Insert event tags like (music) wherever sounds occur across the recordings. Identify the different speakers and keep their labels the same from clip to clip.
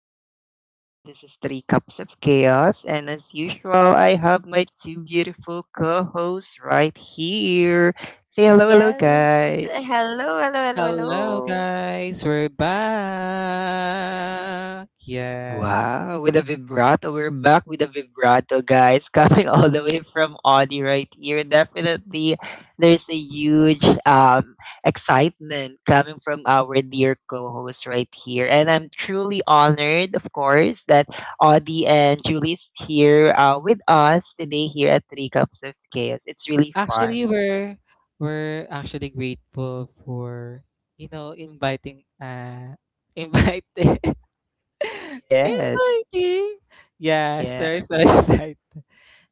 Speaker 1: podcast. Once again, this is Three Cups of Chaos, and as usual, I have my two beautiful co hosts right here. Say hello, hello,
Speaker 2: Yes.
Speaker 1: guys.
Speaker 2: Hello, hello, hello,
Speaker 3: Hello,
Speaker 2: hello.
Speaker 3: guys. We're back. Yes.
Speaker 1: Wow, with a vibrato. We're back with a vibrato, guys. (laughs) Coming all the way from Audi right here. Definitely, there's a huge excitement coming from our dear co host right here. And I'm truly honored, of course, that Audi and Julie's here with us today here at Three Cups of Chaos. It's really fun.
Speaker 3: Actually, we're actually grateful for inviting (laughs) inviting (laughs)
Speaker 1: Yes.
Speaker 3: inviting. Yes,
Speaker 1: Yeah.
Speaker 3: we're so (laughs) excited.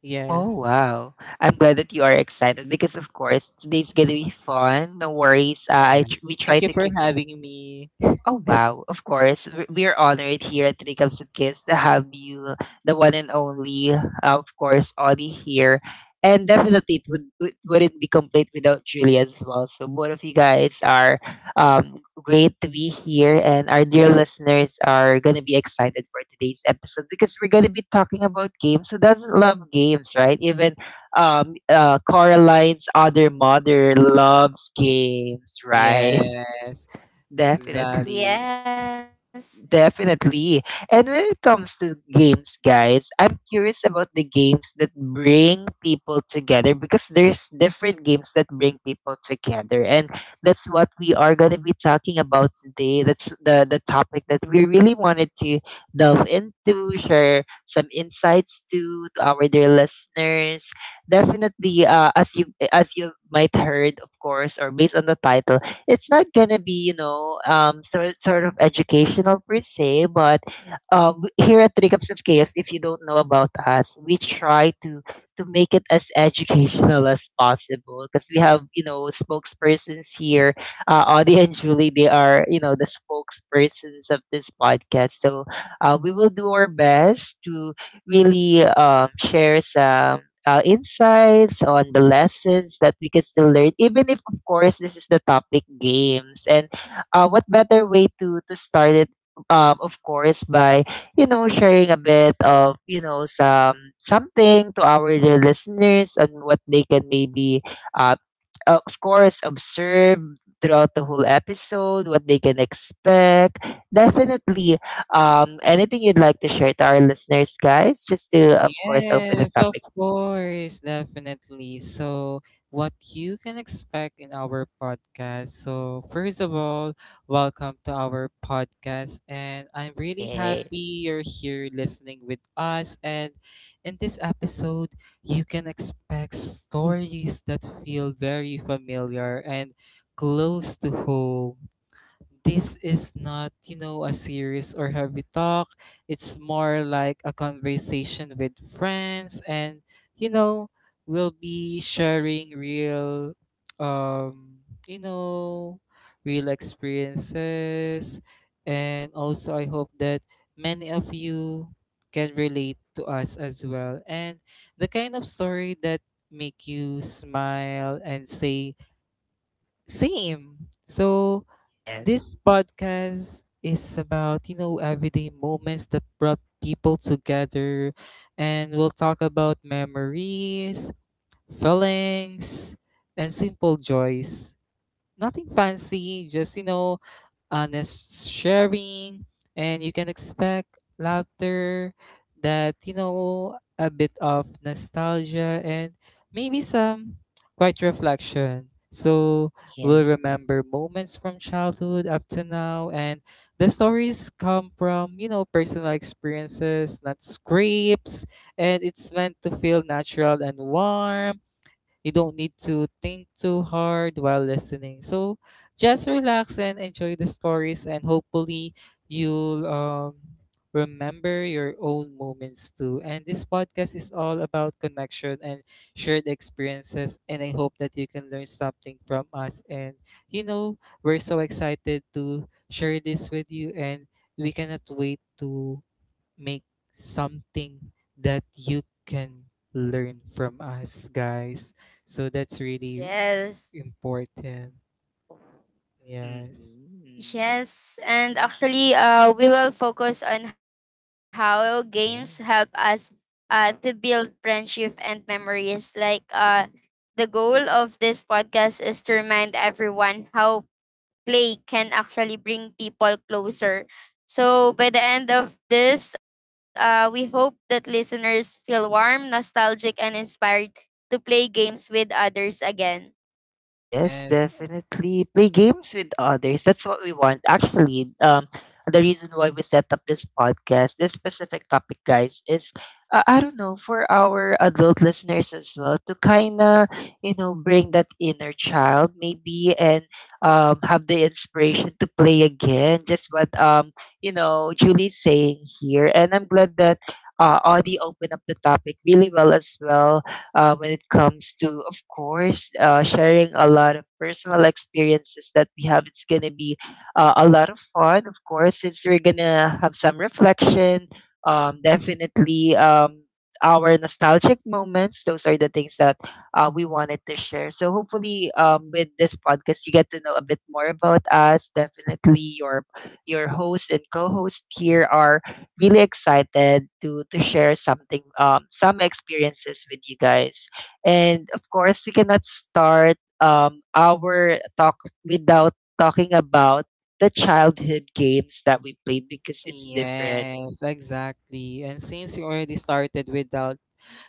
Speaker 3: Yes.
Speaker 1: Oh, wow. I'm glad that you are excited because, of course, today's going to be fun. No worries.
Speaker 3: Yes.
Speaker 1: We try
Speaker 3: Thank you
Speaker 1: to
Speaker 3: for
Speaker 1: keep.
Speaker 3: having me.
Speaker 1: Oh
Speaker 3: (laughs)
Speaker 1: wow, of course. We're honored here at Three Cups of Kids to have you, the one and only, of course, Audie here. And definitely it wouldn't be complete without Julia as well. So both of you guys are great to be here, and our dear listeners are going to be excited for today's episode because we're going to be talking about games. Who doesn't love games, right? Even Coraline's other mother loves games, right? (laughs)
Speaker 3: Yes,
Speaker 2: Yes.
Speaker 1: Definitely.
Speaker 3: exactly.
Speaker 1: Definitely. And when it comes to games, guys, I'm curious about the games that bring people together, because there's different games that bring people together. And that's what we are going to be talking about today. That's the topic that we really wanted to delve into, share some insights to our dear listeners. Definitely, as you might heard, of course, or based on the title, it's not gonna be you know sort of educational per se, but here at Three Cups of Chaos, if you don't know about us, we try to make it as educational as possible because we have you know spokespersons here. Audie and Julie, they are you know the spokespersons of this podcast, so we will do our best to really share some insights on the lessons that we can still learn, even if, of course, this is the topic games. And what better way to start it? Of course, by you know sharing a bit of you know some something to our dear listeners and what they can maybe, uh, of course, observe throughout the whole episode, what they can expect. Definitely, anything you'd like to share to our listeners, guys? Just to, of course, open the
Speaker 3: Yes, of
Speaker 1: topic.
Speaker 3: course, definitely. So, what you can expect in our podcast. So, first of all, welcome to our podcast. And I'm really
Speaker 1: Yeah.
Speaker 3: happy you're here listening with us. And in this episode, you can expect stories that feel very familiar and close to home. This is not, you know, a serious or heavy talk. It's more like a conversation with friends and, you know, we'll be sharing real um, you know, real experiences, and also I hope that many of you can relate to us as well, and the kind of story that make you smile and say same. So
Speaker 1: Yes.
Speaker 3: this podcast is about, you know, everyday moments that brought people together, and we'll talk about memories, feelings, and simple joys, nothing fancy, just you know, honest sharing, and you can expect laughter, that you know, a bit of nostalgia, and maybe some quiet reflection. So we'll
Speaker 1: Yes.
Speaker 3: remember moments from childhood up to now, and the stories come from you know personal experiences, not scripts, and it's meant to feel natural and warm. You don't need to think too hard while listening. So just relax and enjoy the stories, and hopefully, you'll remember your own moments too. And this podcast is all about connection and shared experiences. And I hope that you can learn something from us. And you know, we're so excited to share this with you, and we cannot wait to make something that you can learn from us, guys. So that's really
Speaker 2: Yes.
Speaker 3: important. Yes.
Speaker 1: Hmm.
Speaker 2: Yes. And actually, we will focus on how games
Speaker 1: Yeah.
Speaker 2: help us to build friendship and memories. Like, the goal of this podcast is to remind everyone how play can actually bring people closer. So, by the end of this, we hope that listeners feel warm, nostalgic, and inspired to play games with others again.
Speaker 1: Yes,
Speaker 3: Yes.
Speaker 1: definitely. Play games with others. That's what we want. Actually, the reason why we set up this podcast, this specific topic, guys, is I don't know, for our adult listeners as well, to kind of you know bring that inner child maybe and have the inspiration to play again. Just what you know Julie's saying here, and I'm glad that Audie opened up the topic really well as well when it comes to, of course, sharing a lot of personal experiences that we have. It's going to be a lot of fun, of course, since we're going to have some reflection. Definitely, our nostalgic moments. Those are the things that we wanted to share. So hopefully, with this podcast, you get to know a bit more about us. Definitely, your host and co-host here are really excited to share something some experiences with you guys. And of course, we cannot start our talk without talking about the childhood games that we played because it's different.
Speaker 3: Yes, exactly. And since you already started without.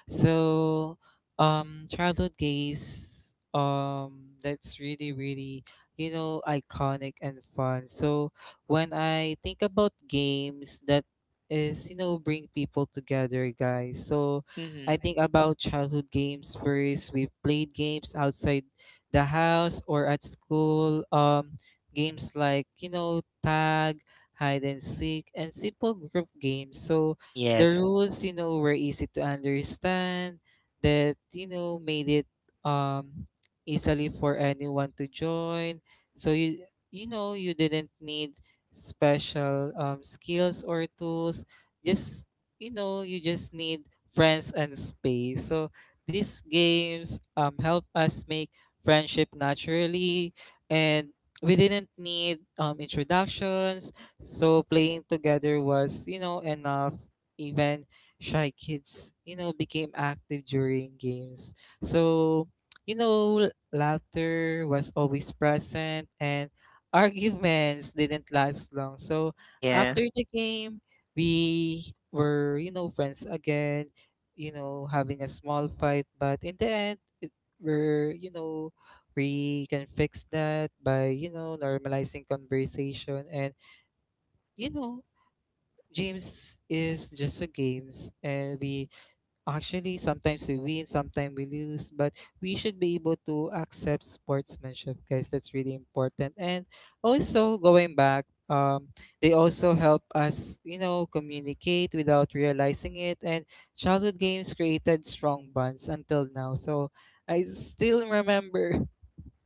Speaker 3: So, Childhood days, that's really, really, you know, iconic and fun. So, when I think about games that is, you know, bring people together, guys. So, I
Speaker 1: Mhm.
Speaker 3: think about childhood games first. We played games outside the house or at school. Games like, you know, tag, hide and seek, and simple group games. So, the
Speaker 1: Yes.
Speaker 3: rules you know were easy to understand, that you know made it um easily for anyone to join, so you know you didn't need special skills or tools, just you know you just need friends and space, so these games help us make friendship naturally, and we didn't need introductions, so playing together was you know enough. Even shy kids, you know, became active during games. So, you know, laughter was always present and arguments didn't last long. So, after the game, we were, you know, friends again, you know, having a small fight, but in the end, it, we're, you know, we can fix that by, you know, normalizing conversation and you know games is just a games, and we actually sometimes we win, sometimes we lose, but we should be able to accept sportsmanship, guys. That's really important. And also going back, they also help us, you know, communicate without realizing it. And childhood games created strong bonds until now. So I still remember (laughs)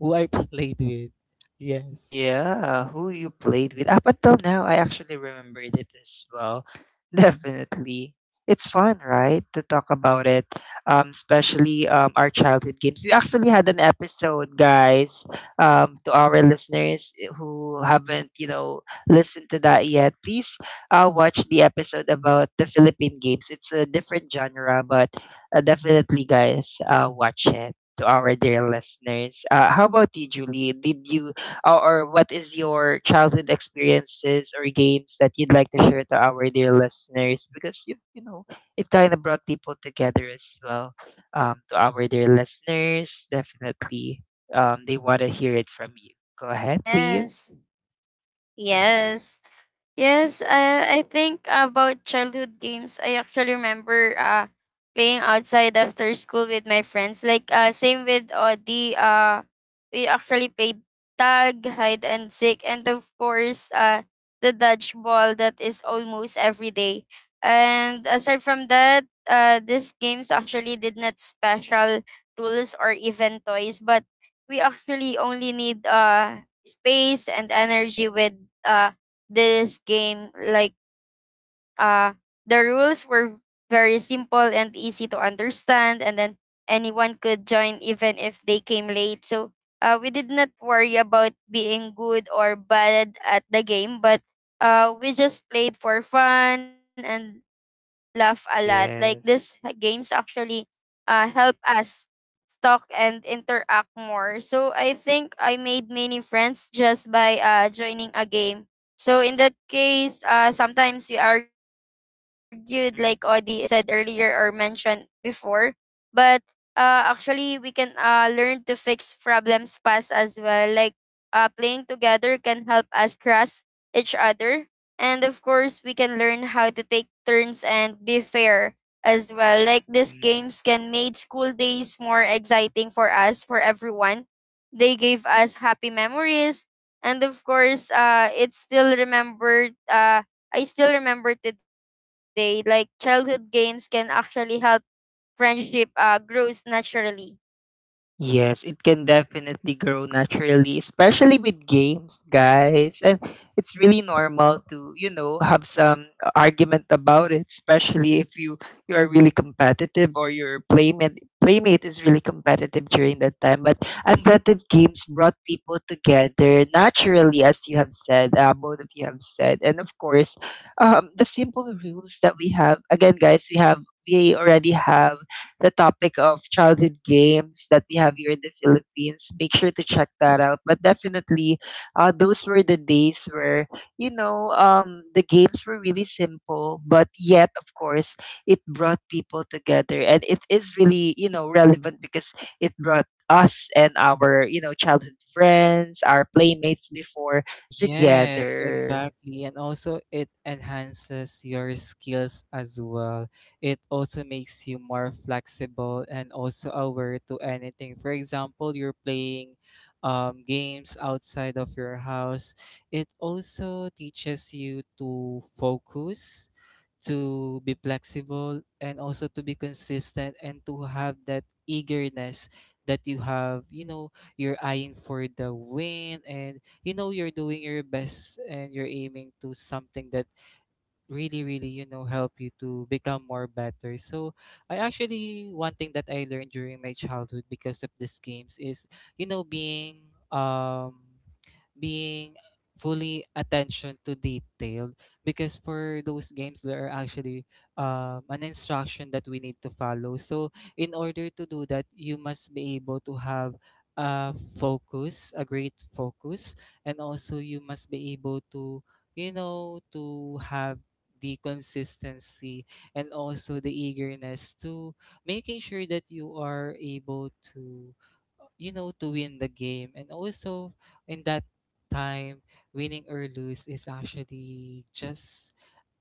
Speaker 3: who I played with. Yes.
Speaker 1: Yeah, who you played with. Up until now, I actually remembered it as well. (laughs) Definitely. It's fun, right, to talk about it, especially our childhood games. We actually had an episode, guys, to our listeners who haven't, you know, listened to that yet. Please watch the episode about the Philippine games. It's a different genre, but definitely, guys, watch it to our dear listeners. How about you, Julie? Did you or what is your childhood experiences or games that you'd like to share to our dear listeners, because you know it kind of brought people together as well to our dear listeners? Definitely they want to hear it from you. Go ahead, please.
Speaker 2: Yes.
Speaker 1: Hmm.
Speaker 2: Yes. Yes, I think about childhood games. I actually remember playing outside after school with my friends. Like same with Audi. We actually played tag, hide and seek, and of course the dodgeball that is almost every day. And aside from that, these games actually did not special tools or even toys, but we actually only need space and energy with this game like uh the rules were very simple and easy to understand, and then anyone could join even if they came late. So, we did not worry about being good or bad at the game, but we just played for fun and laugh a lot. Like this games
Speaker 1: Yes.
Speaker 2: actually help us talk and interact more. So I think I made many friends just by joining a game. So in that case, sometimes we argued, like Odi said earlier or mentioned before. But actually, we can learn to fix problems fast as well. Like playing together can help us trust each other. And of course, we can learn how to take turns and be fair as well. Like these
Speaker 1: Hmm.
Speaker 2: games can made school days more exciting for us, for everyone. They gave us happy memories, and of course it's still remembered. I still remember today. Like childhood games can actually help friendship grows naturally.
Speaker 1: Yes, it can definitely grow naturally, especially with games, guys. And it's really normal to, you know, have some argument about it, especially if you are really competitive, or your playmate is really competitive during that time. But I'm glad that games brought people together naturally, as you have said, both of you have said, and of course, the simple rules that we have. Again, guys, we have we already have the topic of childhood games that we have here in the Philippines. Make sure to check that out. But definitely, those were the days where, you know, the games were really simple, but yet, of course, it brought people together. And it is really, you know, relevant because it brought us and our, you know, childhood friends, our playmates before
Speaker 3: Yes,
Speaker 1: together.
Speaker 3: exactly. And also it enhances your skills as well. It also makes you more flexible and also aware to anything. For example, you're playing games outside of your house. It also teaches you to focus, to be flexible, and also to be consistent and to have that eagerness that you have, you know, you're eyeing for the win, and you know you're doing your best and you're aiming to something that really really you know help you to become more better. So I actually one thing that I learned during my childhood because of these games is you know being um being fully attention to detail, because for those games there are actually an instruction that we need to follow, so in order to do that you must be able to have a focus, a great focus, and also you must be able to you know to have the consistency and also the eagerness to making sure that you are able to you know to win the game. And also in that time, winning or lose is actually just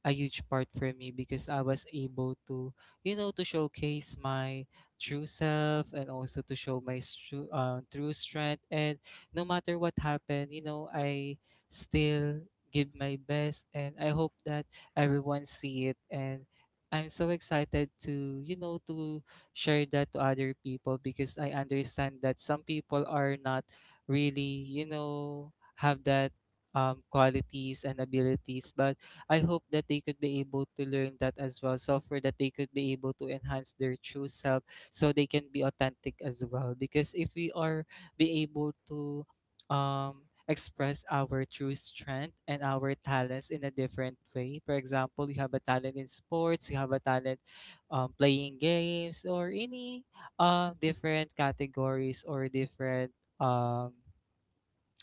Speaker 3: a huge part for me, because I was able to, you know, to showcase my true self and also to show my true, true strength. And no matter what happened, you know, I still give my best, and I hope that everyone see it. And I'm so excited to, you know, to share that to other people, because I understand that some people are not really, you know, have that qualities and abilities, but I hope that they could be able to learn that as well. So for that they could be able to enhance their true self, so they can be authentic as well. Because if we are be able to express our true strength and our talents in a different way. For example, you have a talent in sports, you have a talent playing games, or any different categories or different um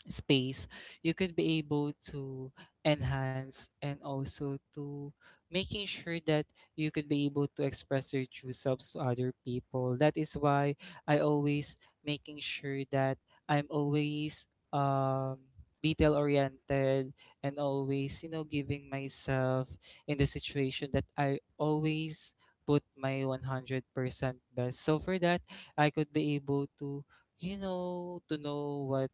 Speaker 3: space, you could be able to enhance, and also to making sure that you could be able to express your true selves to other people. That is why I always making sure that I'm always um detail oriented, and always you know giving myself in the situation that I always put my 100% best, so for that I could be able to you know to know what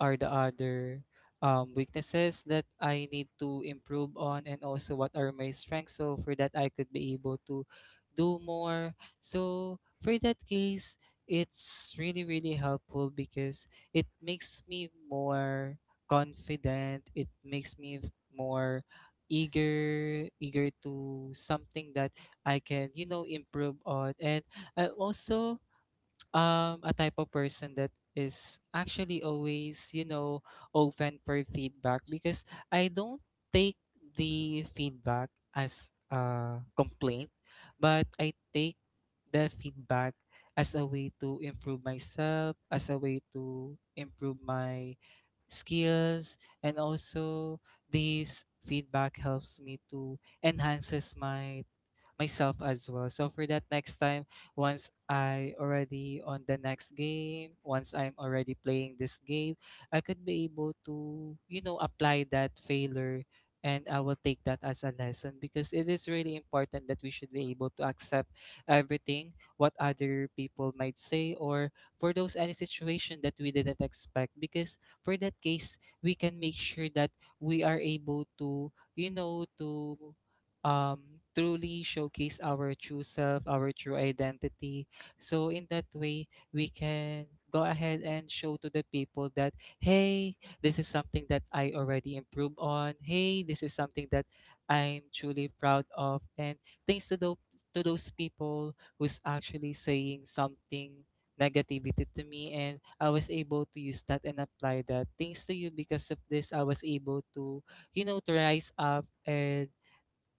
Speaker 3: are the other weaknesses that I need to improve on, and also what are my strengths. So for that, I could be able to do more. So for that case, it's really really helpful because it makes me more confident. It makes me more eager to something that I can you know improve on, and I also a type of person that is actually always you know open for feedback, because I don't take the feedback as a complaint, but I take the feedback as a way to improve myself, as a way to improve my skills, and also this feedback helps me to enhances my myself as well. So for that next time, once I already on the next game, once I'm already playing this game, I could be able to, you know, apply that failure, and I will take that as a lesson, because it is really important that we should be able to accept everything what other people might say, or for those any situation that we didn't expect, because for that case we can make sure that we are able to you know to truly showcase our true self, our true identity. So in that way, we can go ahead and show to the people that, hey, this is something that I already improved on. Hey, this is something that I'm truly proud of. And thanks to those people who's actually saying something negativity to me, and I was able to use that and apply that. Thanks to you, because of this I was able to, you know, to rise up, and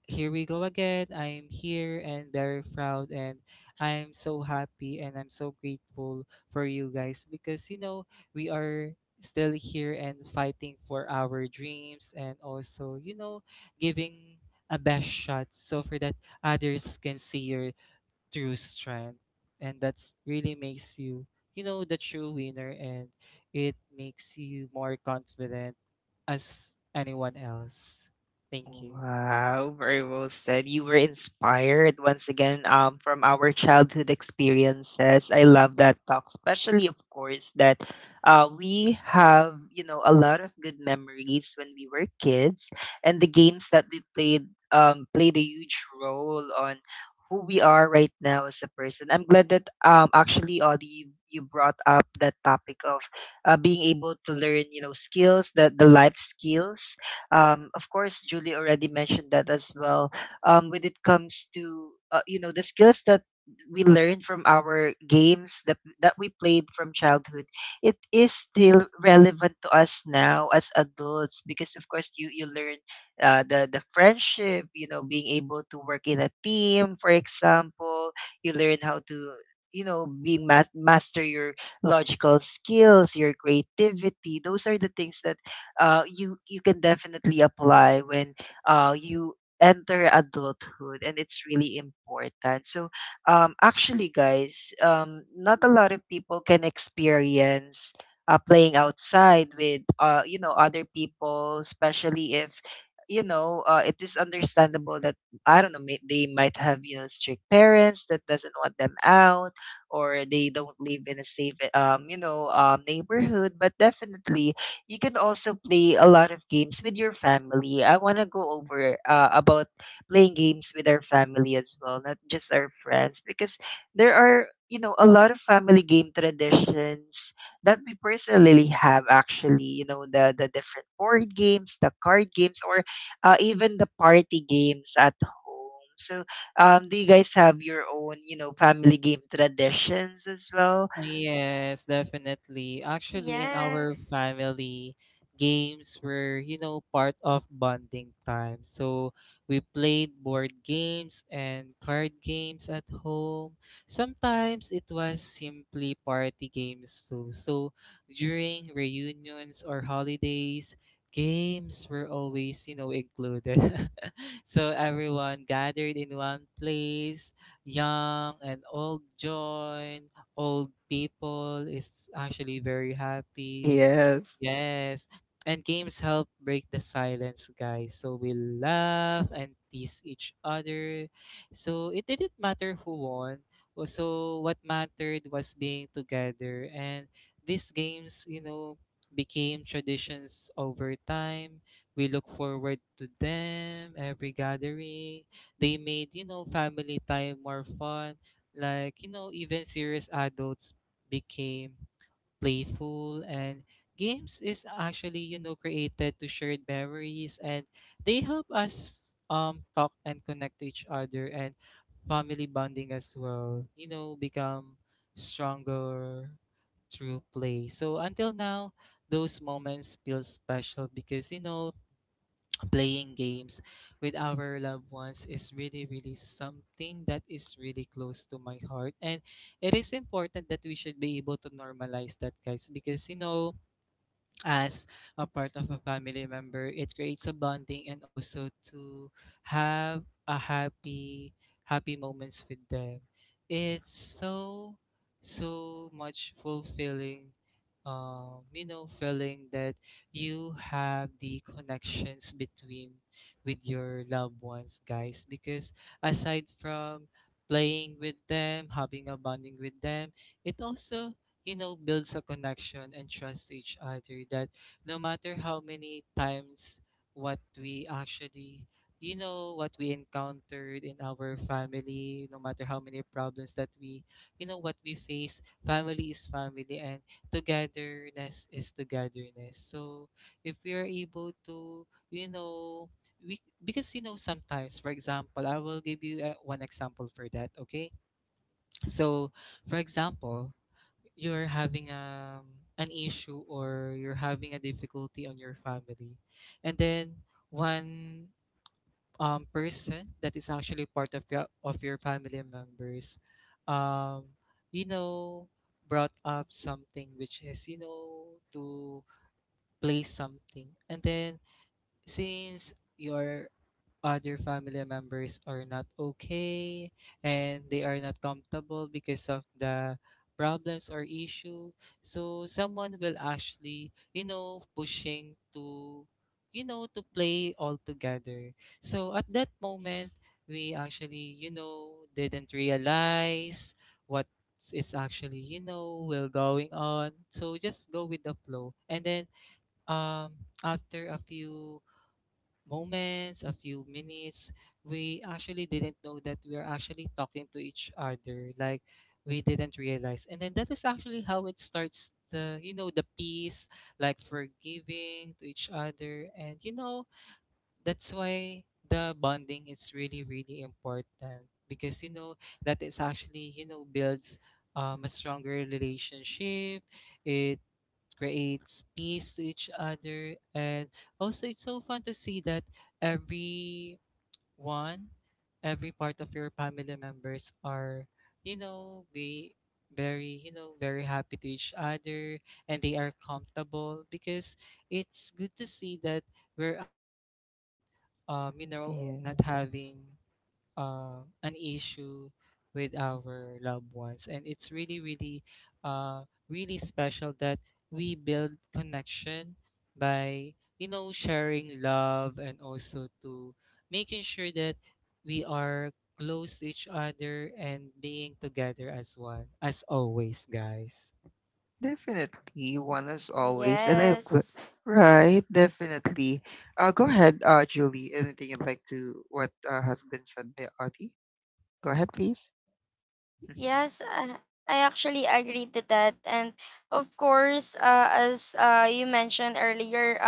Speaker 3: here we go again. I'm here and very proud, and I'm so happy and I'm so grateful for you guys, because you know we are still here and fighting for our dreams, and also you know giving a best shot, so for that others can see your true strength, and that's really makes you you know the true winner, and it makes you more confident as anyone else. Thank you.
Speaker 1: Wow, very well said. You were inspired once again from our childhood experiences. I love that talk, especially, of course, that we have, you know, a lot of good memories when we were kids, and the games that we played played a huge role on who we are right now as a person. I'm glad that actually, Audie, you brought up that topic of being able to learn, you know, skills, that the life skills of course, Julie already mentioned that as well. When it comes to you know the skills that we learn from our games that we played from childhood, it is still relevant to us now as adults, because of course you you learn the friendship, you know, being able to work in a team, for example. You learn how to you know master your logical skills, your creativity. Those are the things that you you can definitely apply when you enter adulthood, and it's really important. So actually guys, not a lot of people can experience playing outside with you know other people, especially if you know it is understandable that I don't know, they might have you know strict parents that doesn't want them out, or they don't live in a safe you know neighborhood. But definitely you can also play a lot of games with your family. I want to go over about playing games with our family as well, not just our friends, because there are, you know, a lot of family game traditions that we personally have. Actually, you know, the different board games, the card games, or even the party games at home. So, do you guys have your own, you know, family game traditions as well?
Speaker 3: Yes, definitely. Actually, in our family, games were, you know, part of bonding time. So we played board games and card games at home. Sometimes it was simply party games too. So during reunions or holidays, games were always, you know, included. (laughs) So everyone gathered in one place, young and old joined, old people is actually very
Speaker 1: (laughs)
Speaker 3: happy.
Speaker 1: Yes.
Speaker 3: Yes. And games help break the silence, guys. So we laugh and tease each other. So it didn't matter who won. So what mattered was being together. And these games, you know, became traditions over time. We look forward to them every gathering. They made, you know, family time more fun, like, you know, even serious adults became playful, and games is actually, you know, created to share memories, and they help us talk and connect to each other, and family bonding as well, you know, become stronger through play. So until now, those moments feel special, because you know playing games with our loved ones is really really something that is really close to my heart, and it is important that we should be able to normalize that, guys, because you know as a part of a family member, it creates a bonding, and also to have a happy happy moments with them. It's so much fulfilling you know, feeling that you have the connections between with your loved ones, guys. Because aside from playing with them, having a bonding with them, it also you know, builds a connection and trust each other that no matter how many times what we actually you know what we encountered in our family, no matter how many problems that we you know what we face, family is family and togetherness is togetherness. So if we are able to you know, we because you know sometimes, for example, I will give you one example for that. Okay, so for example, you're having an issue or you're having a difficulty on your family, and then one person that is actually part of your family members, um you know, brought up something which is you know to play something, and then since you're other family members are not okay and they are not comfortable because of the problems or issue, so someone will actually you know pushing to you know to play all together. So at that moment we actually you know didn't realize what is actually you know will going on, so just go with the flow. And then um after a few moments, a few minutes, we actually didn't know that we are actually talking to each other. Like, we didn't realize. And then that is actually how it starts the you know the peace, like forgiving to each other. And you know, that's why the bonding is really, really important. Because you know, that is actually, you know, builds a stronger relationship. It creates peace to each other, and also it's so fun to see that everyone, every part of your family members are you know be very you know very happy to each other, and they are comfortable because it's good to see that we're actually not you know not
Speaker 1: Yes.
Speaker 3: having an issue with our loved ones. And it's really really uh, really special that we build connection by you know sharing love and also to making sure that we are close to each other and being together as one as always, guys.
Speaker 1: Definitely, one as always, and
Speaker 2: Yes.
Speaker 1: right, definitely. Go ahead, Julie. Anything you'd like to what has been said by Audie? Go ahead, please.
Speaker 2: Yes,
Speaker 1: (laughs)
Speaker 2: I actually agree to that. And of course, as you mentioned earlier,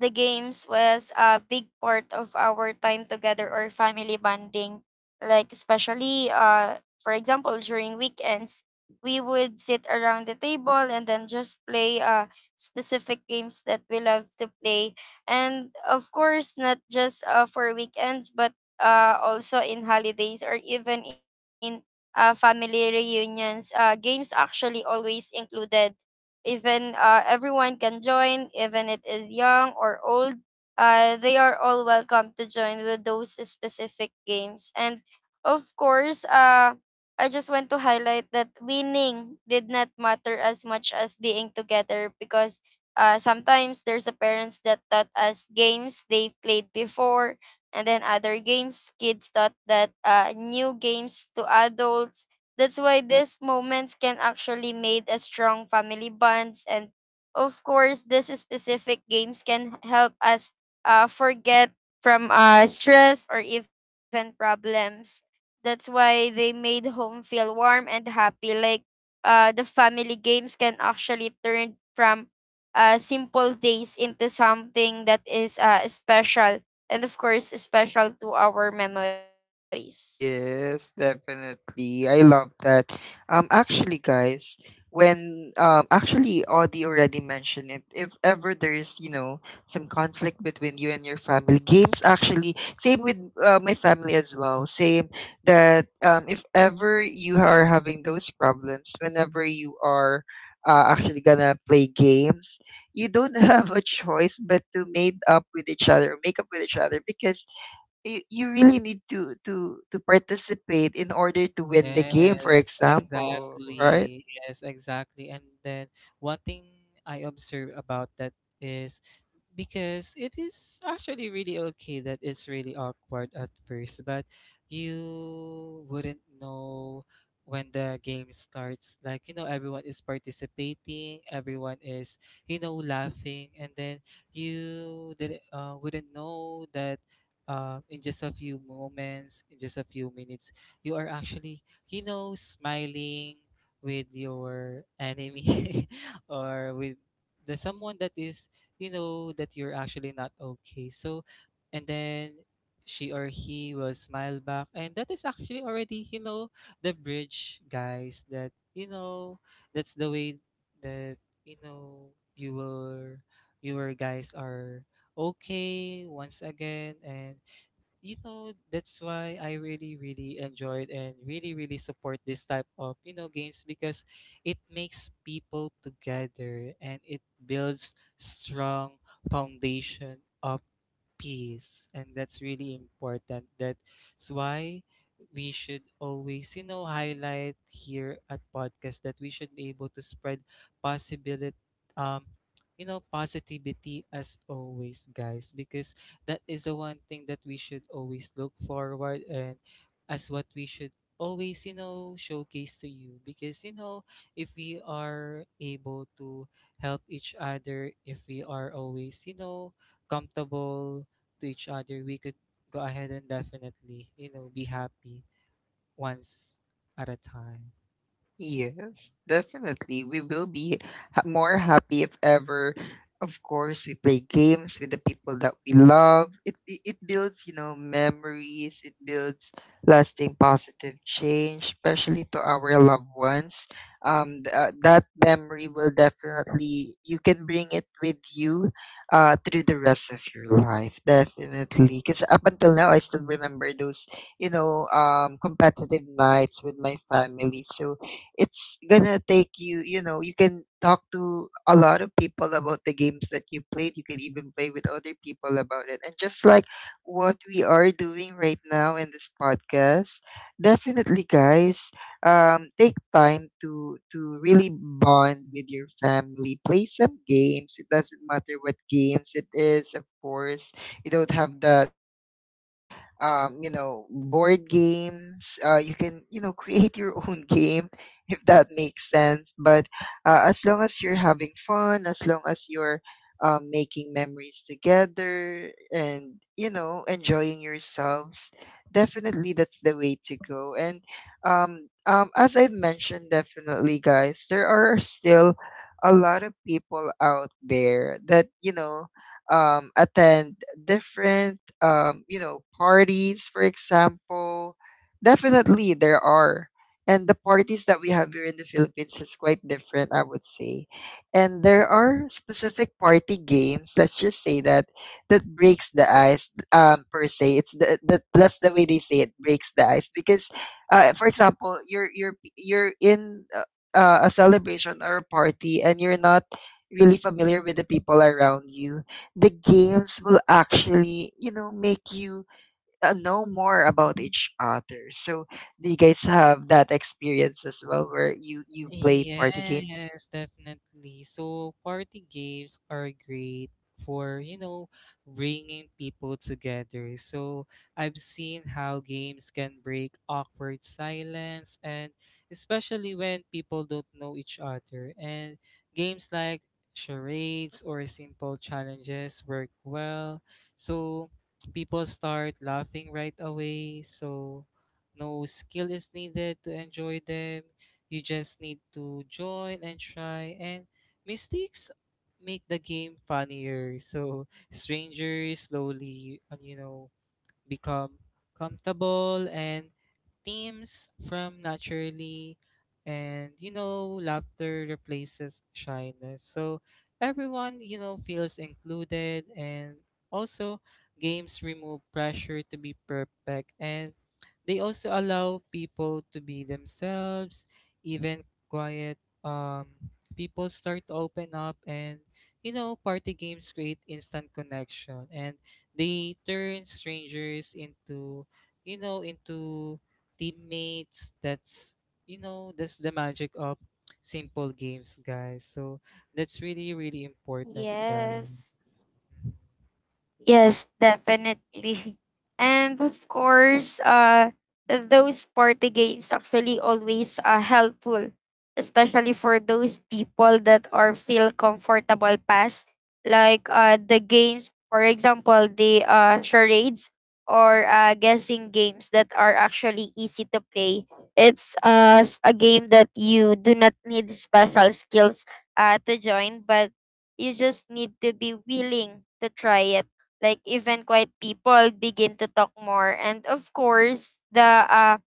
Speaker 2: the games was a big part of our time together or family bonding. Like, especially, for example, during weekends, we would sit around the table and then just play specific games that we love to play. And of course, not just for weekends, but also in holidays or even in family reunions, games actually always included. Even everyone can join, even it is young or old. They are all welcome to join with those specific games. And of course, I just want to highlight that winning did not matter as much as being together, because sometimes there's the parents that taught us games they played before, and then other games kids taught that new games to adults. That's why these moments can actually made a strong family bonds. And of course, these specific games can help us forget from stress or even problems. That's why they made home feel warm and happy. Like the family games can actually turn from simple days into something that is special, and of course special to our memories.
Speaker 1: Yes, definitely. I love that. Actually, guys, when actually, Audie already mentioned it. If ever there is, you know, some conflict between you and your family, games actually, same with my family as well. Same that if ever you are having those problems, whenever you are actually gonna play games, you don't (laughs) have a choice but to make up with each other, make up with each other, because you really need to participate in order to win the game, for
Speaker 3: Yes,
Speaker 1: example, right?
Speaker 3: exactly. Yes, exactly. And then one thing I observe about that is, because it is actually really okay that it's really awkward at first, but you wouldn't know when the game starts. Like, you know, everyone is participating, everyone is, you know, laughing, and then you wouldn't know that. In just a few moments, in just a few minutes, you are actually, you know, smiling with your enemy (laughs) or with the someone that is you know that you're actually not okay. So, and then she or he will smile back. And that is actually already, you know, the bridge, guys, that, you know, that's the way that, you know, you were, you were guys are okay once again. And you know that's why I really really enjoyed and really really support this type of you know games, because it makes people together and it builds strong foundation of peace, and that's really important. That's why we should always you know highlight here at podcast that we should be able to spread possibility, um you know, positivity as always, guys, because that is the one thing that we should always look forward, and as what we should always you know showcase to you. Because you know if we are able to help each other, if we are always you know comfortable to each other, we could go ahead and definitely, you know, be happy once at a time.
Speaker 1: Yes, definitely. We will be more happy if ever. Of course, we play games with the people that we love. It builds, you know, memories. It builds lasting positive change, especially to our loved ones. That memory will definitely, you can bring it with you, through the rest of your life. Definitely, because up until now, I still remember those you know, competitive nights with my family. So it's gonna take you, you know, you can talk to a lot of people about the games that you played, you can even play with other people about it, and just like what we are doing right now in this podcast. Definitely, guys, take time to really bond with your family, play some games. It doesn't matter what games it is. Of course, you don't have the fancy you know board games, you can you know (laughs) create your own game (laughs) if that makes sense. But as long as you're having fun, as long as you're making memories together and, you know, enjoying yourselves, definitely that's the way to go. And as I've mentioned, definitely, guys, there are still a lot of people out there that, you know, attend different you know parties for example definitely there are, and the parties that we have here in the Philippines is quite different, I would say. And there are specific party games. Let's just say that that breaks the ice, per se. It's the that's the way they say it breaks the ice because, for example, you're in a celebration or a party and you're not really familiar with the people around you. The games will actually, you know, make you know more about each other. So do you guys have that experience as well, where you played party games?
Speaker 3: Yes, definitely. So party games are great for, you know, bringing people together. So I've seen how games can break awkward silence, and especially when people don't know each other. And games like charades or simple challenges work well. So people start laughing right away. So no skill is needed to enjoy them. You just need to join and try, and mistakes make the game funnier. So strangers slowly, you know, become comfortable and themes from naturally, and you know, laughter replaces shyness. So everyone, you know, feels included, and also games remove pressure to be perfect, and they also allow people to be themselves, even quiet. Um, People start to open up, and you know party games create instant connection, and they turn strangers into you know into teammates. That's you know that's the magic of simple games, guys. So that's really really important, guys.
Speaker 2: Yes. Yes, definitely. (laughs) And of course, those party games actually always are helpful, especially for those people that are feel comfortable past. Like the games, for example, the charades or guessing games that are actually easy to play. It's a game that you do not need special skills to join, but you just need to be willing to try it. Like even quiet people begin to talk more. And of course, the uh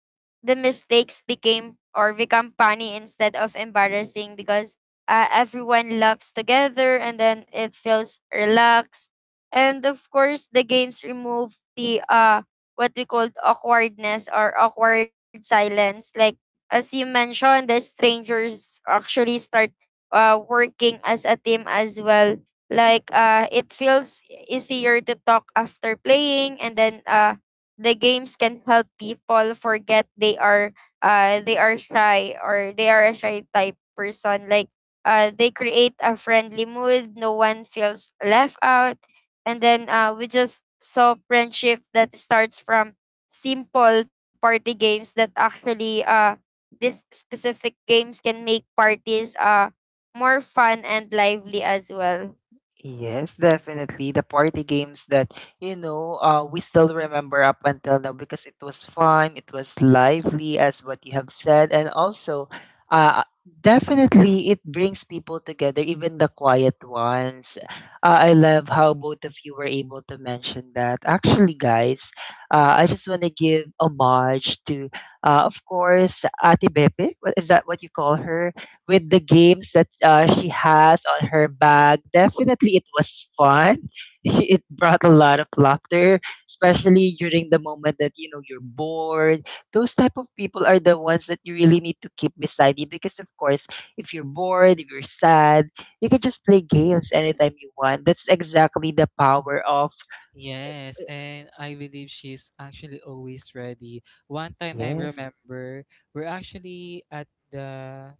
Speaker 2: the mistakes became or become funny instead of embarrassing, because everyone laughs together, and then it feels relaxed. And of course, the games remove the what we called awkwardness or awkward silence. Like as you mentioned, the strangers actually start working as a team as well. Like it feels easier to talk after playing. And then the games can help people forget they are shy, or they are a shy type person. Like they create a friendly mood. No one feels left out. And then we just saw friendship that starts from simple party games, that actually, these specific games can make parties more fun and lively as well.
Speaker 1: Yes, definitely. The party games that, you know, we still remember up until now because it was fun, it was lively, as what you have said. And also, uh, definitely it brings people together, even the quiet ones. I love how both of you were able to mention that. Actually, guys, I just want to give homage to, of course, Ate Bepe. What- Is that what you call her? With the games that she has on her bag. Definitely, it was fun. (laughs) It brought a lot of laughter, especially during the moment that you know you're bored. Those type of people are the ones that you really need to keep beside you because, of course, if you're bored, if you're sad, you can just play games anytime you want. That's exactly the power of.
Speaker 3: Yes, and I believe she's actually always ready. One time I
Speaker 1: Yes.
Speaker 3: remember we're actually at the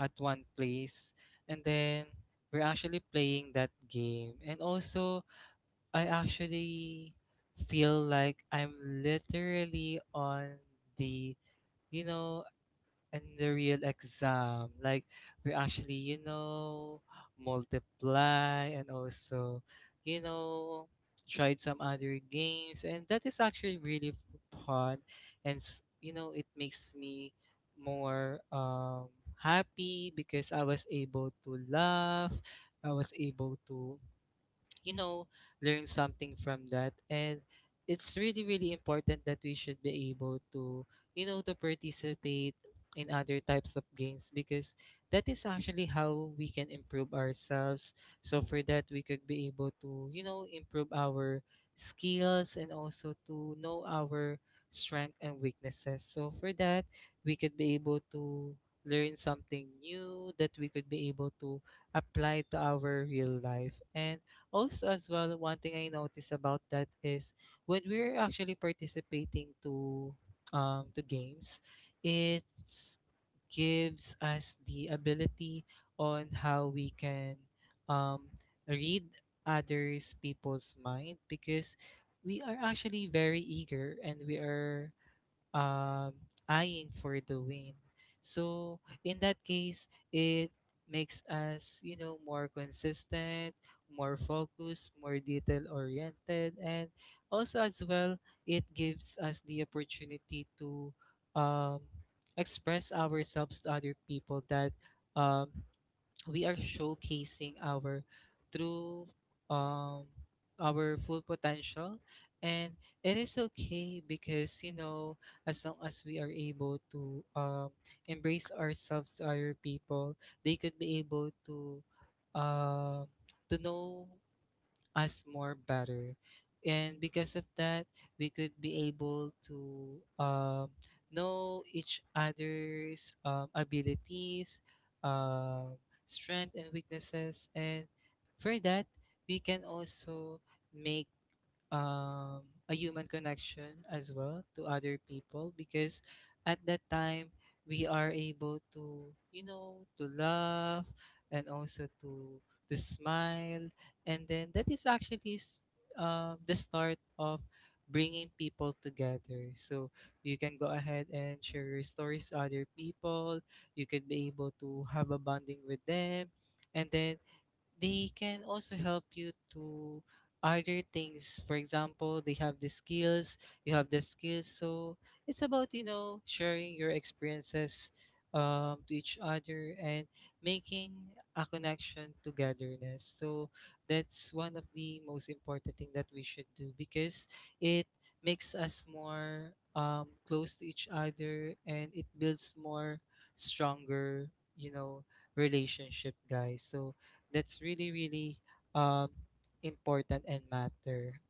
Speaker 3: at one place, and then we're actually playing that game. And also I actually feel like I'm literally on the you know and the real exam. Like, we actually you know multiply and also you know tried some other games, and that is actually really fun, you know it makes me more happy because I was able to laugh, I was able to you know, learn something from that. And it's really, really important that we should be able to, you know, to participate in other types of games, because that is actually how we can improve ourselves. So for that, we could be able to, you know, improve our skills and also to know our strength and weaknesses. So for that, we could be able to learn something new that we could be able to apply to our real life. And also, as well, one thing I notice about that is when we're actually participating to to games, it gives us the ability on how we can um read others people's mind, because we are actually very eager and we are um, eyeing for the win. So in that case, it makes us, you know, more consistent, more focused, more detail oriented, and also as well, it gives us the opportunity to um, express ourselves to other people that um, we are showcasing our true um our full potential. And it is okay because you know as long as we are able to embrace ourselves to other people, they could be able um to know us more better. And because of that, we could be able to know each other's abilities, um, strength, and weaknesses. And for that, we can also make um, a human connection as well to other people, because at that time we are able to you know to laugh and also to smile, and then that is actually the start of bringing people together. So you can go ahead and share your stories to other people, you could be able to have a bonding with them, and then they can also help you to other things. For example, they have the skills, you have the skills, so it's about you know sharing your experiences to each other and making a connection togetherness. So that's one of the most important thing that we should do, because it makes us more close to each other, and it builds more stronger you know relationship, guys. So that's really, really um important and matter.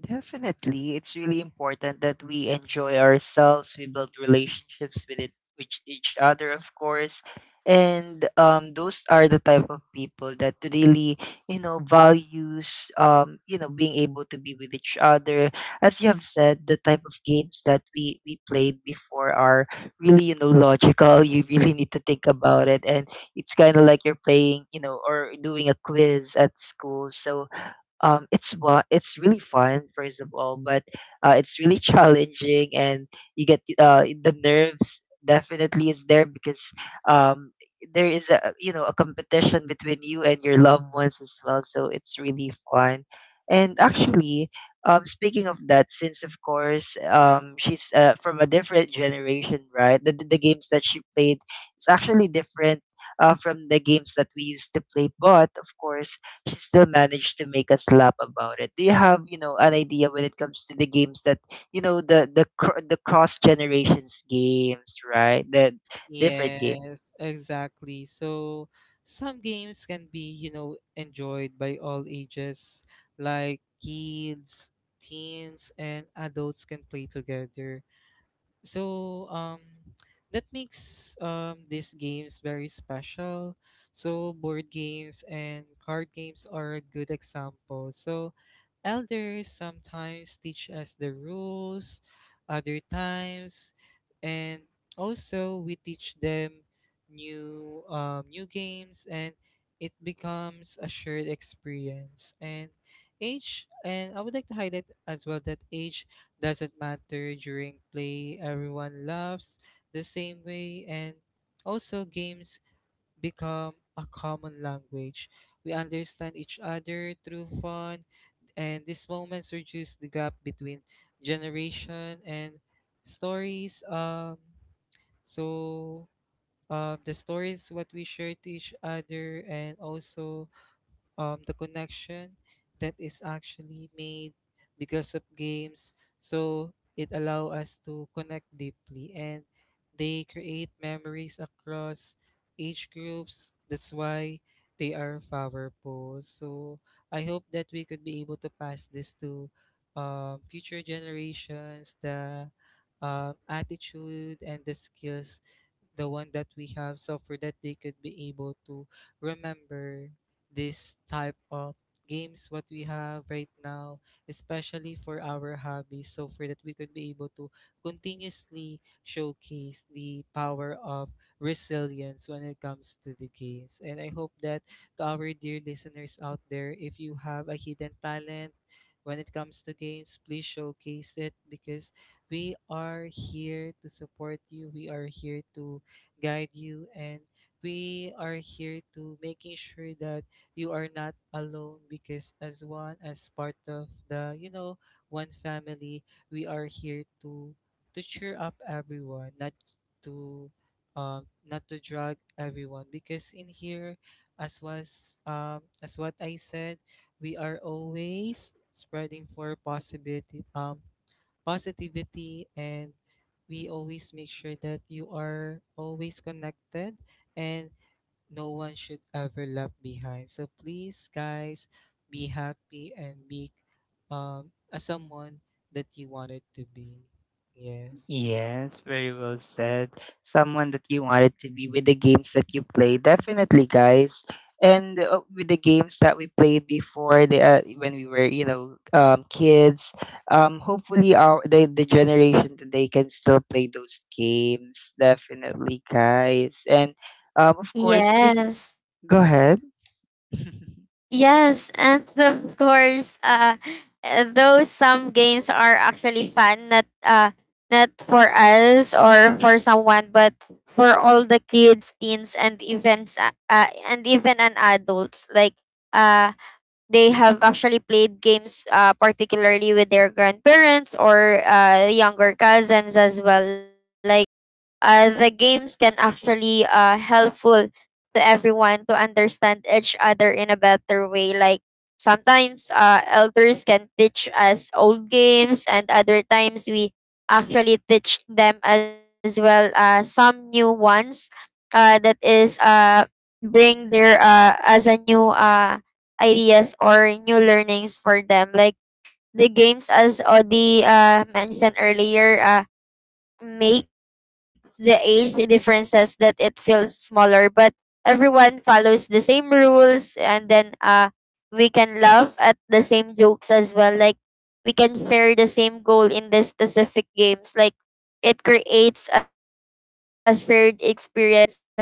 Speaker 1: Definitely, it's really important that we enjoy ourselves. We build relationships with it, with each other, of course, and those are the type of people that really, you know, values, you know, being able to be with each other. As you have said, the type of games that we played before are really, you know, logical. (laughs) You really need to think about it, and it's kind of like you're playing, you know, or doing a quiz at school. So it's really fun first of all, but it's really challenging, and you get the nerves definitely is there because um, there is a you know a competition between you and your loved ones as well. So it's really fun, and actually, speaking of that, since of course she's from a different generation, right? The games that she played is actually different from the games that we used to play, but of course she still managed to make us laugh about it. Do you have, you know, an idea when it comes to the games that, you know, the cross generations games, right? The different.
Speaker 3: Yes, exactly. So some games can be, you know, enjoyed by all ages, like kids, teens, and adults can play together. So that makes these games very special. So board games and card games are a good example. So elders sometimes teach us the rules, other times, and also we teach them new new games, and it becomes a shared experience. And age, and I would like to highlight as well that age doesn't matter during play. Everyone loves the same way, and also games become a common language. We understand each other through fun, and these moments reduce the gap between generation and stories. So the stories what we share to each other, and also the connection that is actually made because of games. So it allow us to connect deeply, and they create memories across age groups. That's why they are powerful. So I hope that we could be able to pass this to future generations, the attitude and the skills, the one that we have, so for that they could be able to remember this type of games what we have right now, especially for our hobbies, so for that we could be able to continuously showcase the power of resilience when it comes to the games. And I hope that, to our dear listeners out there, if you have a hidden talent when it comes to games, please showcase it, because we are here to support you, we are here to guide you, and we are here to making sure that you are not alone, because as one, as part of the one family, we are here to cheer up everyone, to not to drag everyone, because in here, as what I said, we are always spreading for possibility positivity, and we always make sure that you are always connected and no one should ever left behind. So please, guys, be happy and be a someone that you wanted to be. Yes.
Speaker 1: Yes, very well said. Someone that you wanted to be with the games that you play, definitely, guys. And with the games that we played before, the when we were, you know, kids. Hopefully, the generation today can still play those games. Definitely, guys. And of course, speak.
Speaker 2: Yes.
Speaker 1: Go ahead. (laughs)
Speaker 2: Yes, and (laughs) of course, though some games are actually fun, not not for us or for someone, but for all the kids, teens, and events, and even an adults. Like, uh, they have actually played games particularly with their grandparents or younger cousins as well. Like the games can actually helpful to everyone to understand each other in a better way. Like sometimes elders can teach us old games, and other times we actually teach them as well some new ones that is bring their as a new ideas or new learnings for them. Like the games, as Odi mentioned earlier, makes the age differences that it feels smaller, but everyone follows the same rules. And then we can laugh at the same jokes as well. Like we can share the same goal in the specific games. Like it creates a shared experiences as well.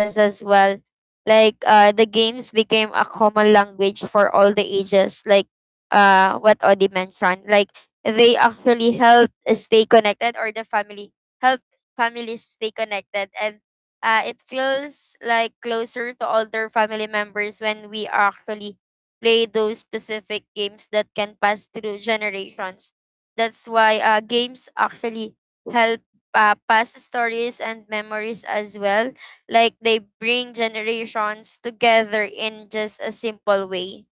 Speaker 2: Like the games became a common language for all the ages. Like what Odi mentioned, like they actually help stay connected, or the family help families stay connected. And it feels like closer to older family members when we actually play those specific games that can pass through generations. That's why games actually help pass stories and memories as well. Like they bring generations together in just a simple way.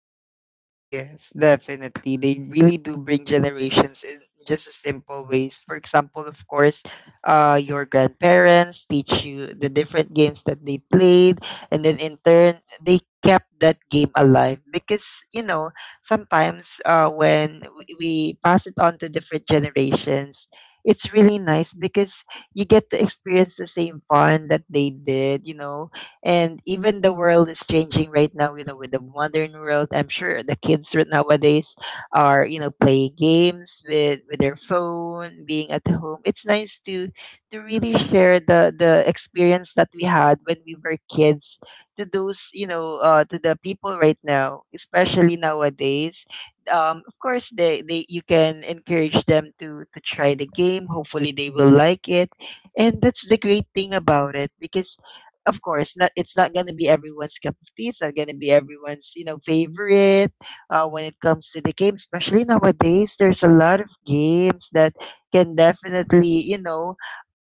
Speaker 1: Yes, definitely. They really do bring generations in just a simple ways. For example, of course, your grandparents teach you the different games that they played, and then in turn, they kept that game alive because you know sometimes we pass it on to different generations, it's really nice because you get to experience the same fun that they did. You know, and even the world is changing right now, you know, with the modern world. I'm sure the kids right nowadays are you know playing games with their phone being at home. It's nice to really share the experience that we had when we were kids to those you know to the people right now, especially nowadays. Of course they, you can encourage them to try the game, hopefully they will like it, and that's the great thing about it because of course not, it's not going to be everyone's cup of tea, it's not going to be everyone's you know favorite when it comes to the game. Especially nowadays, there's a lot of games that can definitely you know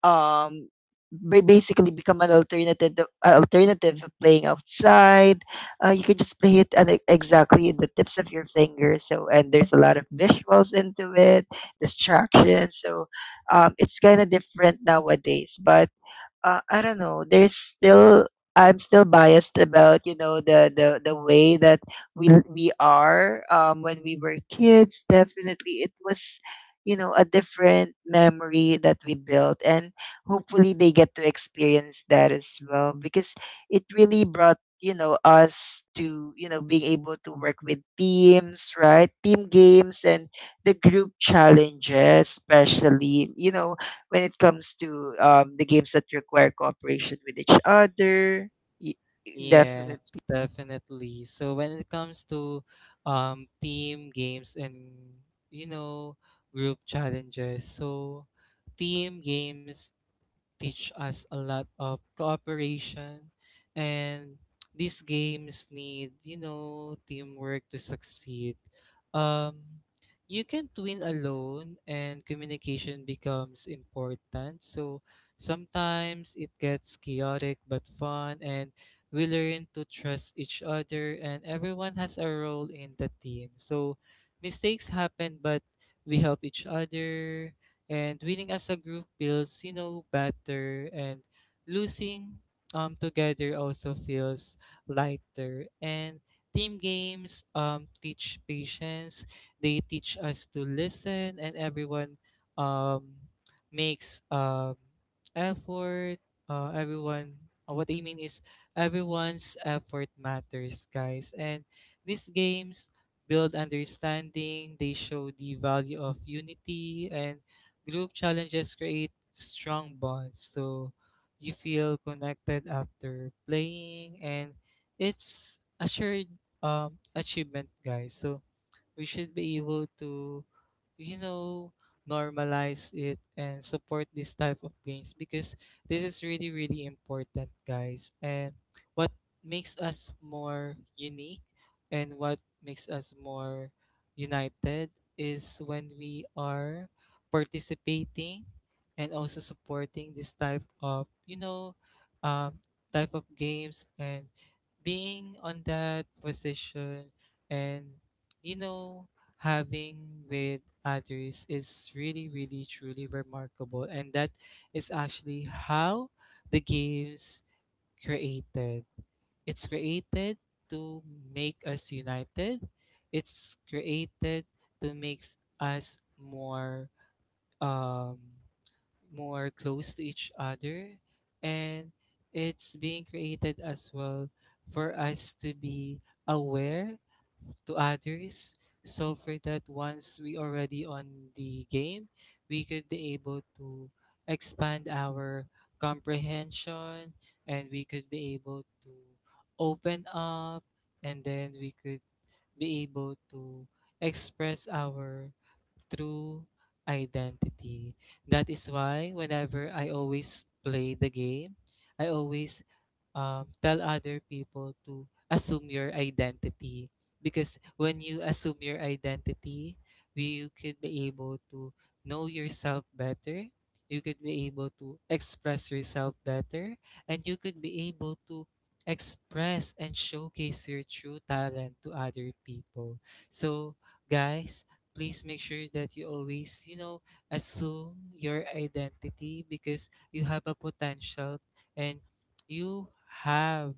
Speaker 1: um basically become an alternative of playing outside. You can just play it at exactly in the tips of your fingers, so and there's a lot of visuals into it, distractions. So it's kind of different nowadays but I don't know. There's still, I'm still biased about you know the way that we are when we were kids. Definitely, it was you know a different memory that we built, and hopefully they get to experience that as well because it really brought you know us to you know being able to work with teams, right? Team games and the group challenges, especially you know when it comes to the games that require cooperation with each other. y- Yeah.
Speaker 3: Yes,
Speaker 1: Definitely.
Speaker 3: definitely. So when it comes to team games and you know group challenges, so team games teach us a lot of cooperation, and these games need, you know, teamwork to succeed. um you can't win alone, and communication becomes important. So sometimes it gets chaotic but fun, and we learn to trust each other, and everyone has a role in the team. So mistakes happen, but we help each other, and winning as a group feels, you know, better, and losing together also feels lighter. And team games teach patience, they teach us to listen, and everyone um makes effort. Everyone, what I mean is, everyone's effort matters, guys. And these games build understanding, they show the value of unity. And group challenges create strong bonds, so you feel connected after playing, and it's a shared achievement, guys. So we should be able to, you know, normalize it and support this type of games, because this is really, really important, guys. And what makes us more unique and what makes us more united is when we are participating and also supporting this type of, you know, um, type of games, and being on that position and, you know, having with others is really, really, truly remarkable. And that is actually how the games created. It's created to make us united. It's created to make us um more close to each other, and it's being created as well for us to be aware to others, so for that once we already on the game, we could be able to expand our comprehension, and we could be able to open up, and then we could be able to express our true identity. That is why, whenever I always play the game, I always tell other people to assume your identity, because when you assume your identity you could be able to know yourself better, you could be able to express yourself better, and you could be able to express and showcase your true talent to other people. So guys, please make sure that you always, assume your identity, because you have a potential, and you have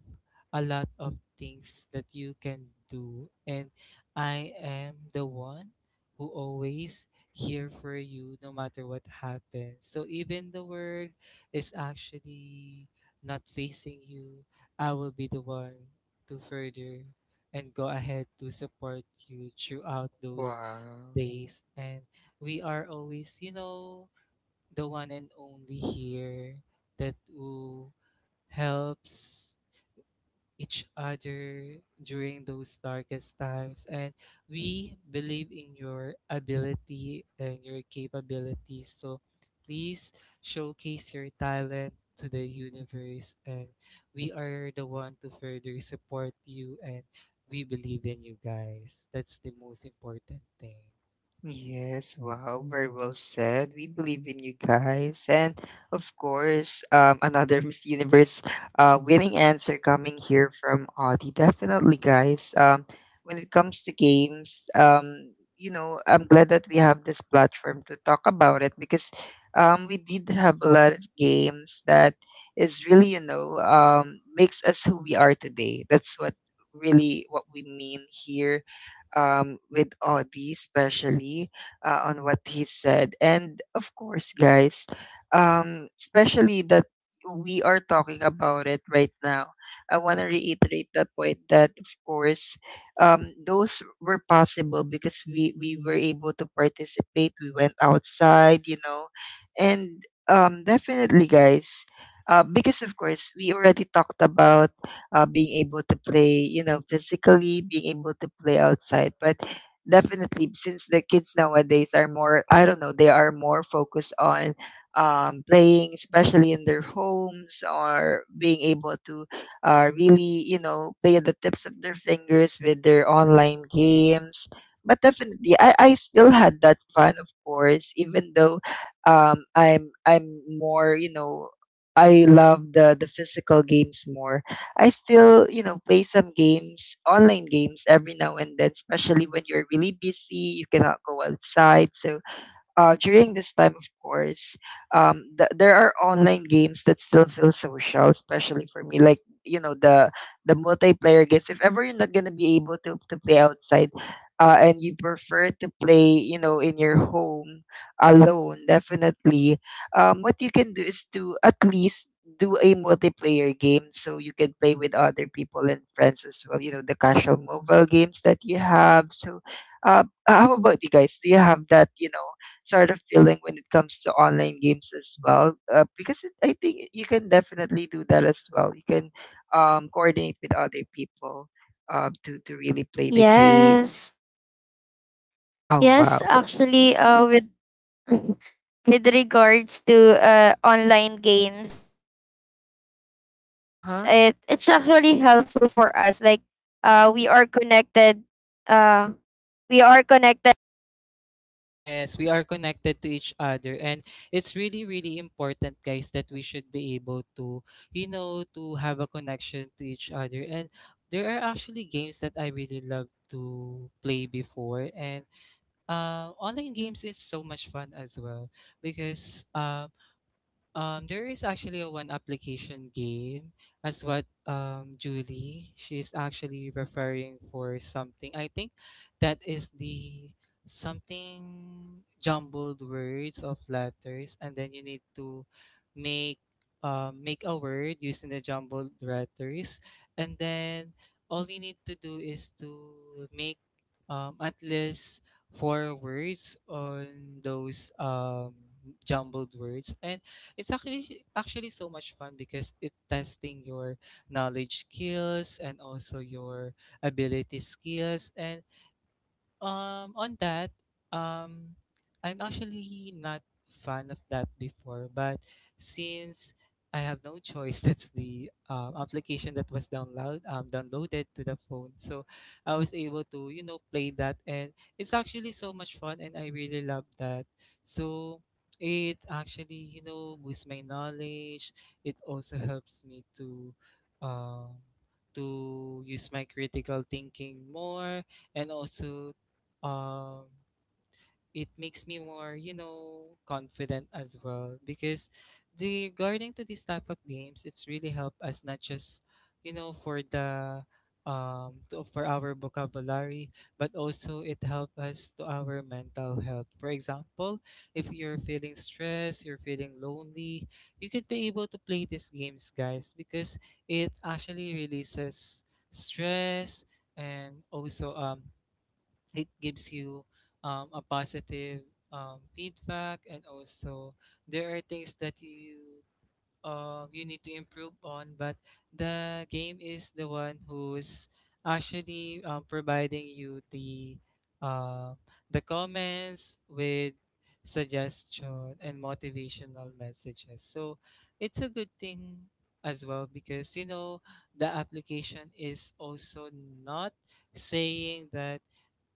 Speaker 3: a lot of things that you can do. And I am the one who always here for you, no matter what happens. So even the world is actually not facing you, I will be the one to further and go ahead to support you throughout those days. And we are always, the one and only here that will helps each other during those darkest times, and we believe in your ability and your capabilities. So please, showcase your talent to the universe, and we are the one to further support you, and we believe in you, guys. That's the most important thing.
Speaker 1: Yes, wow, very well said. We believe in you guys. And of course, another (laughs) Miss Universe winning answer coming here from Audie. Definitely, guys. When it comes to games, you know, I'm glad that we have this platform to talk about it because we did have a lot of games that is really, you know, makes us who we are today. That's what really what we mean here with Audie, especially on what he said. And of course, guys, especially that we are talking about it right now, I want to reiterate the point that, of course, those were possible because we were able to participate. We went outside, you know, and definitely, guys, because of course, we already talked about being able to play, you know, physically, being able to play outside. But definitely, since the kids nowadays are more, I don't know, they are more focused on playing, especially in their homes, or being able to really, you know, play at the tips of their fingers with their online games. But definitely, I still had that fun, of course, even though I'm more, you know, I love the physical games more. I still, you know, play some games, online games every now and then, especially when you're really busy, you cannot go outside. So during this time, of course, there are online games that still feel social, especially for me. Like, you know, the multiplayer games. If ever you're not gonna be able to play outside, and you prefer to play, you know, in your home alone, definitely. What you can do is to at least do a multiplayer game so you can play with other people and friends as well. You know the casual mobile games that you have. So, how about you guys? Do you have that? You know, sort of feeling when it comes to online games as well? Because it, I think you can definitely do that as well. You can coordinate with other people to really play the games.
Speaker 2: Yes.
Speaker 1: Oh
Speaker 2: Yes,
Speaker 1: wow,
Speaker 2: actually, with (laughs) with regards to online games,
Speaker 1: uh-huh.
Speaker 2: it's actually helpful for us. Like, we are connected. Uh, we are connected.
Speaker 3: Yes, we are connected to each other, and it's really really important, guys, that we should be able to, to have a connection to each other. And there are actually games that I really love to play before, and online games is so much fun as well, because there is actually a one application game, as what Julie she's actually referring for something. I think that is the something jumbled words of letters, and then you need to make make a word using the jumbled letters, and then all you need to do is to make at least four words on those jumbled words, and it's actually so much fun because it testing your knowledge skills and also your ability skills. And on that, um, I'm actually not fan of that before, but since I have no choice, (laughs) that's the application that was downloaded to the phone. So I was able to, you know, play that, and it's actually so much fun, and I really love that. So it actually, you know, boosts my knowledge. It also helps me um, to use my critical thinking more. And also, um it makes me more, you know, confident as well, because the regarding to this type of games, it's really helped us not just, you know, for our vocabulary, but also it helps us to our mental health. For example, if you're feeling stressed, you're feeling lonely, you could be able to play these games, guys, because it actually releases stress. And also, it gives you a positive feedback. And also, there are things that you need to improve on, but the game is the one who's actually providing you uh, the comments with suggestion and motivational messages. So it's a good thing as well, because, you know, the application is also not saying that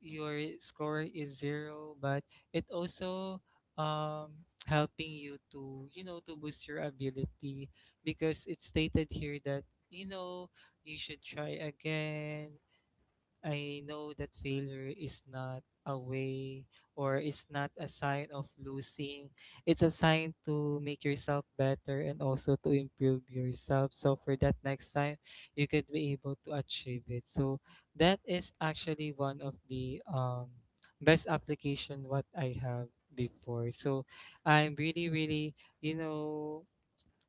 Speaker 3: your score is zero, but it also helping you to, to boost your ability, because it's stated here that, you know, you should try again. I know that failure is not a way, or it's not a sign of losing. It's a sign to make yourself better and also to improve yourself, so for that next time, you could be able to achieve it. So that is actually one of the best application what I have before. So I'm really, really, you know,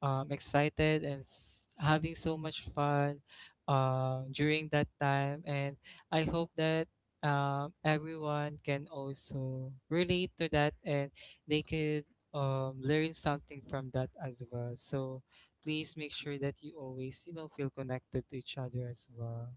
Speaker 3: excited, and having so much fun during that time. And I hope that everyone can also relate to that, and they could learn something from that as well. So please make sure that you always, you know, feel connected to each other as well.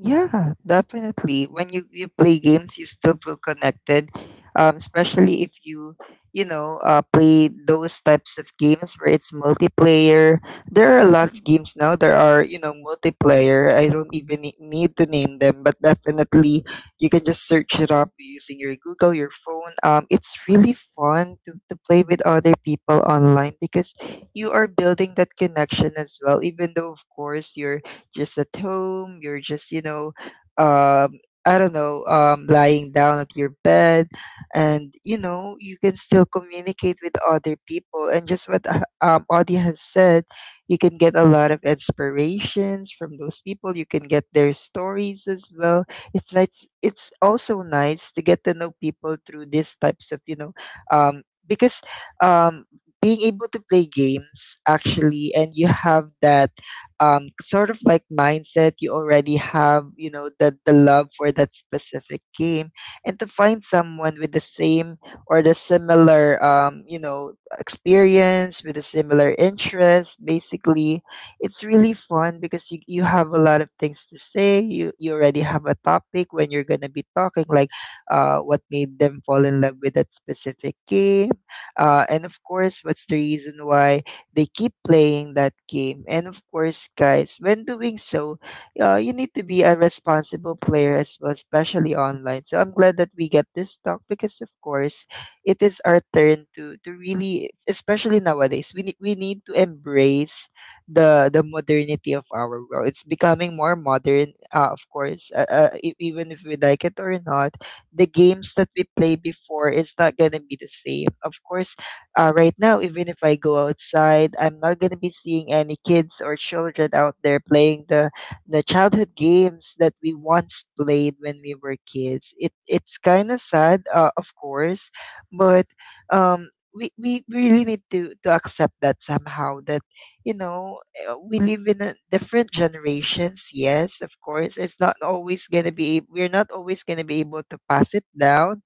Speaker 1: Yeah, definitely. When you play games, you still feel connected. Especially if you, you know, play those types of games where it's multiplayer. There are a lot of games now that are, you know, multiplayer. I don't even need to name them, but definitely you can just search it up using your Google, your phone. It's really fun to play with other people online because you are building that connection as well, even though, of course, you're just at home, you're just, you know, um, I don't know, lying down at your bed, and you know, you can still communicate with other people. And just what Audie has said, you can get a lot of inspirations from those people. You can get their stories as well. It's nice. It's also nice to get to know people through these types of, you know, because um, being able to play games actually, and you have that sort of like mindset. You already have, you know, the love for that specific game. And to find someone with the same or the similar, you know, experience, with a similar interest, basically, it's really fun because you have a lot of things to say. You already have a topic when you're going to be talking, like what made them fall in love with that specific game. And of course, what's the reason why they keep playing that game. And of course, guys, when doing so, you need to be a responsible player as well, especially online. So I'm glad that we get this talk because, of course, it is our turn to really, especially nowadays, we need to embrace the modernity of our world. It's becoming more modern, even if we like it or not. The games that we play before is not gonna be the same. Of course, right now, even if I go outside, I'm not going to be seeing any kids or children out there playing the childhood games that we once played when we were kids. It's kind of sad, of course, but we really need to accept that somehow that you know we live in a different generations. Yes, of course, it's not always gonna be. We're not always gonna be able to pass it down,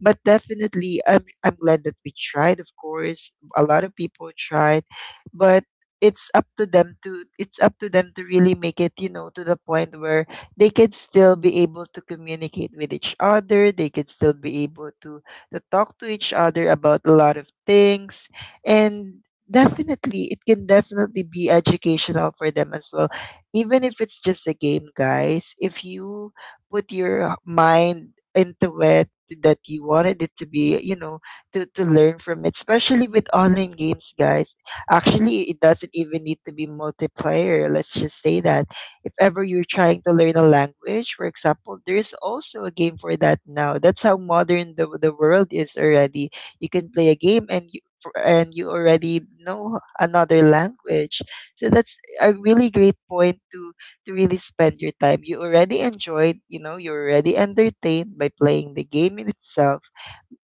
Speaker 1: but definitely, I'm glad that we tried. Of course, a lot of people tried, but it's up to them to really make it to the point where they could still be able to communicate with each other, they could still be able to talk to each other about a lot of things, and definitely it can definitely be educational for them as well, even if it's just a game, guys. If you put your mind into it, that you wanted it to be to learn from it, especially with online games, guys. Actually, it doesn't even need to be multiplayer. Let's just say that if ever you're trying to learn a language, for example, there's also a game for that now. That's how modern the world is already. You can play a game and and you already know another language. So that's a really great point to really spend your time. You already enjoyed, you're already entertained by playing the game in itself.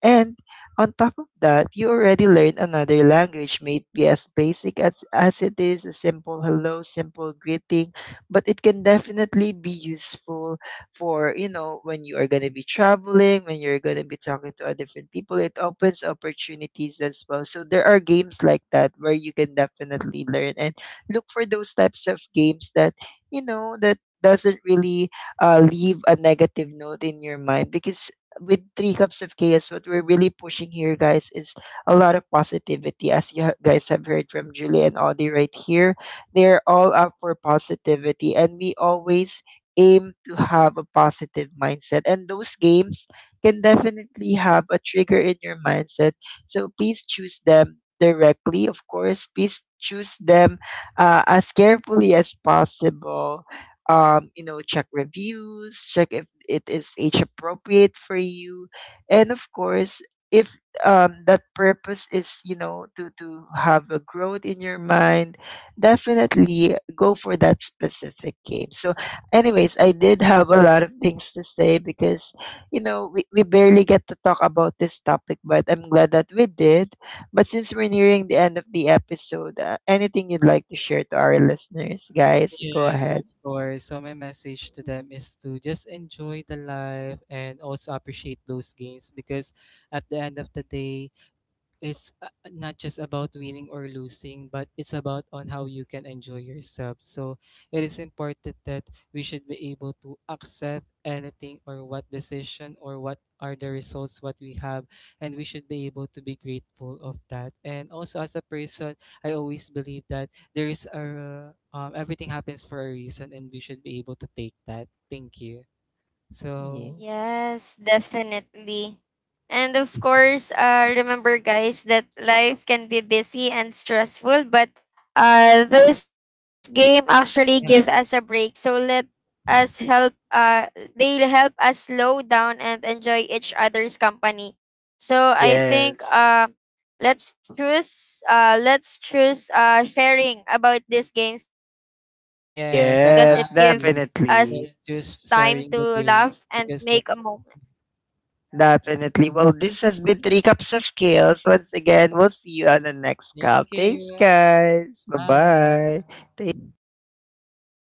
Speaker 1: And on top of that, you already learn another language, maybe as basic as it is, a simple hello, simple greeting, but it can definitely be useful for, when you are going to be traveling, when you're going to be talking to other different people. It opens opportunities as well. So there are games like that where you can definitely learn, and look for those types of games that, that doesn't really leave a negative note in your mind, because with Three Cups of Chaos, what we're really pushing here, guys, is a lot of positivity. As guys have heard from Julie and Audie right here, they're all up for positivity, and we always aim to have a positive mindset. And those games can definitely have a trigger in your mindset. So please choose them directly, of course. Please choose them as carefully as possible. Check reviews, check if it is age appropriate for you, and of course, if that purpose is, to have a growth in your mind, definitely go for that specific game. So, anyways, I did have a lot of things to say because we barely get to talk about this topic, but I'm glad that we did. But since we're nearing the end of the episode, anything you'd like to share to our listeners, guys, go
Speaker 3: Yes, of
Speaker 1: ahead.
Speaker 3: course. So my message to them is to just enjoy the life and also appreciate those games, because at the end of the day, it's not just about winning or losing, but it's about on how you can enjoy yourself. So it is important that we should be able to accept anything, or what decision, or what are the results what we have, and we should be able to be grateful of that. And also, as a person, I always believe that there is a everything happens for a reason, and we should be able to take that. Thank you. So
Speaker 1: Ye-
Speaker 2: Yes, definitely. And of course, remember, guys, that life can be busy and stressful, but those game actually give us a break. So let us help. They'll help us slow down and enjoy each other's company. So I think
Speaker 1: Yes.
Speaker 2: let's choose sharing about these games, because it gives
Speaker 3: yes,
Speaker 2: us
Speaker 3: that's
Speaker 1: Yes,
Speaker 2: time to
Speaker 3: you.
Speaker 2: laugh
Speaker 3: Like,
Speaker 2: and
Speaker 1: definitely.
Speaker 2: make a
Speaker 3: just
Speaker 2: moment.
Speaker 3: sharing the games, because that's...
Speaker 1: Definitely. Well, this has been Three Cups of Chaos. Once again, we'll see you on the next
Speaker 3: Thank
Speaker 1: cup. Thanks,
Speaker 3: you.
Speaker 1: guys.
Speaker 3: Bye.
Speaker 1: Bye bye.
Speaker 2: Bye.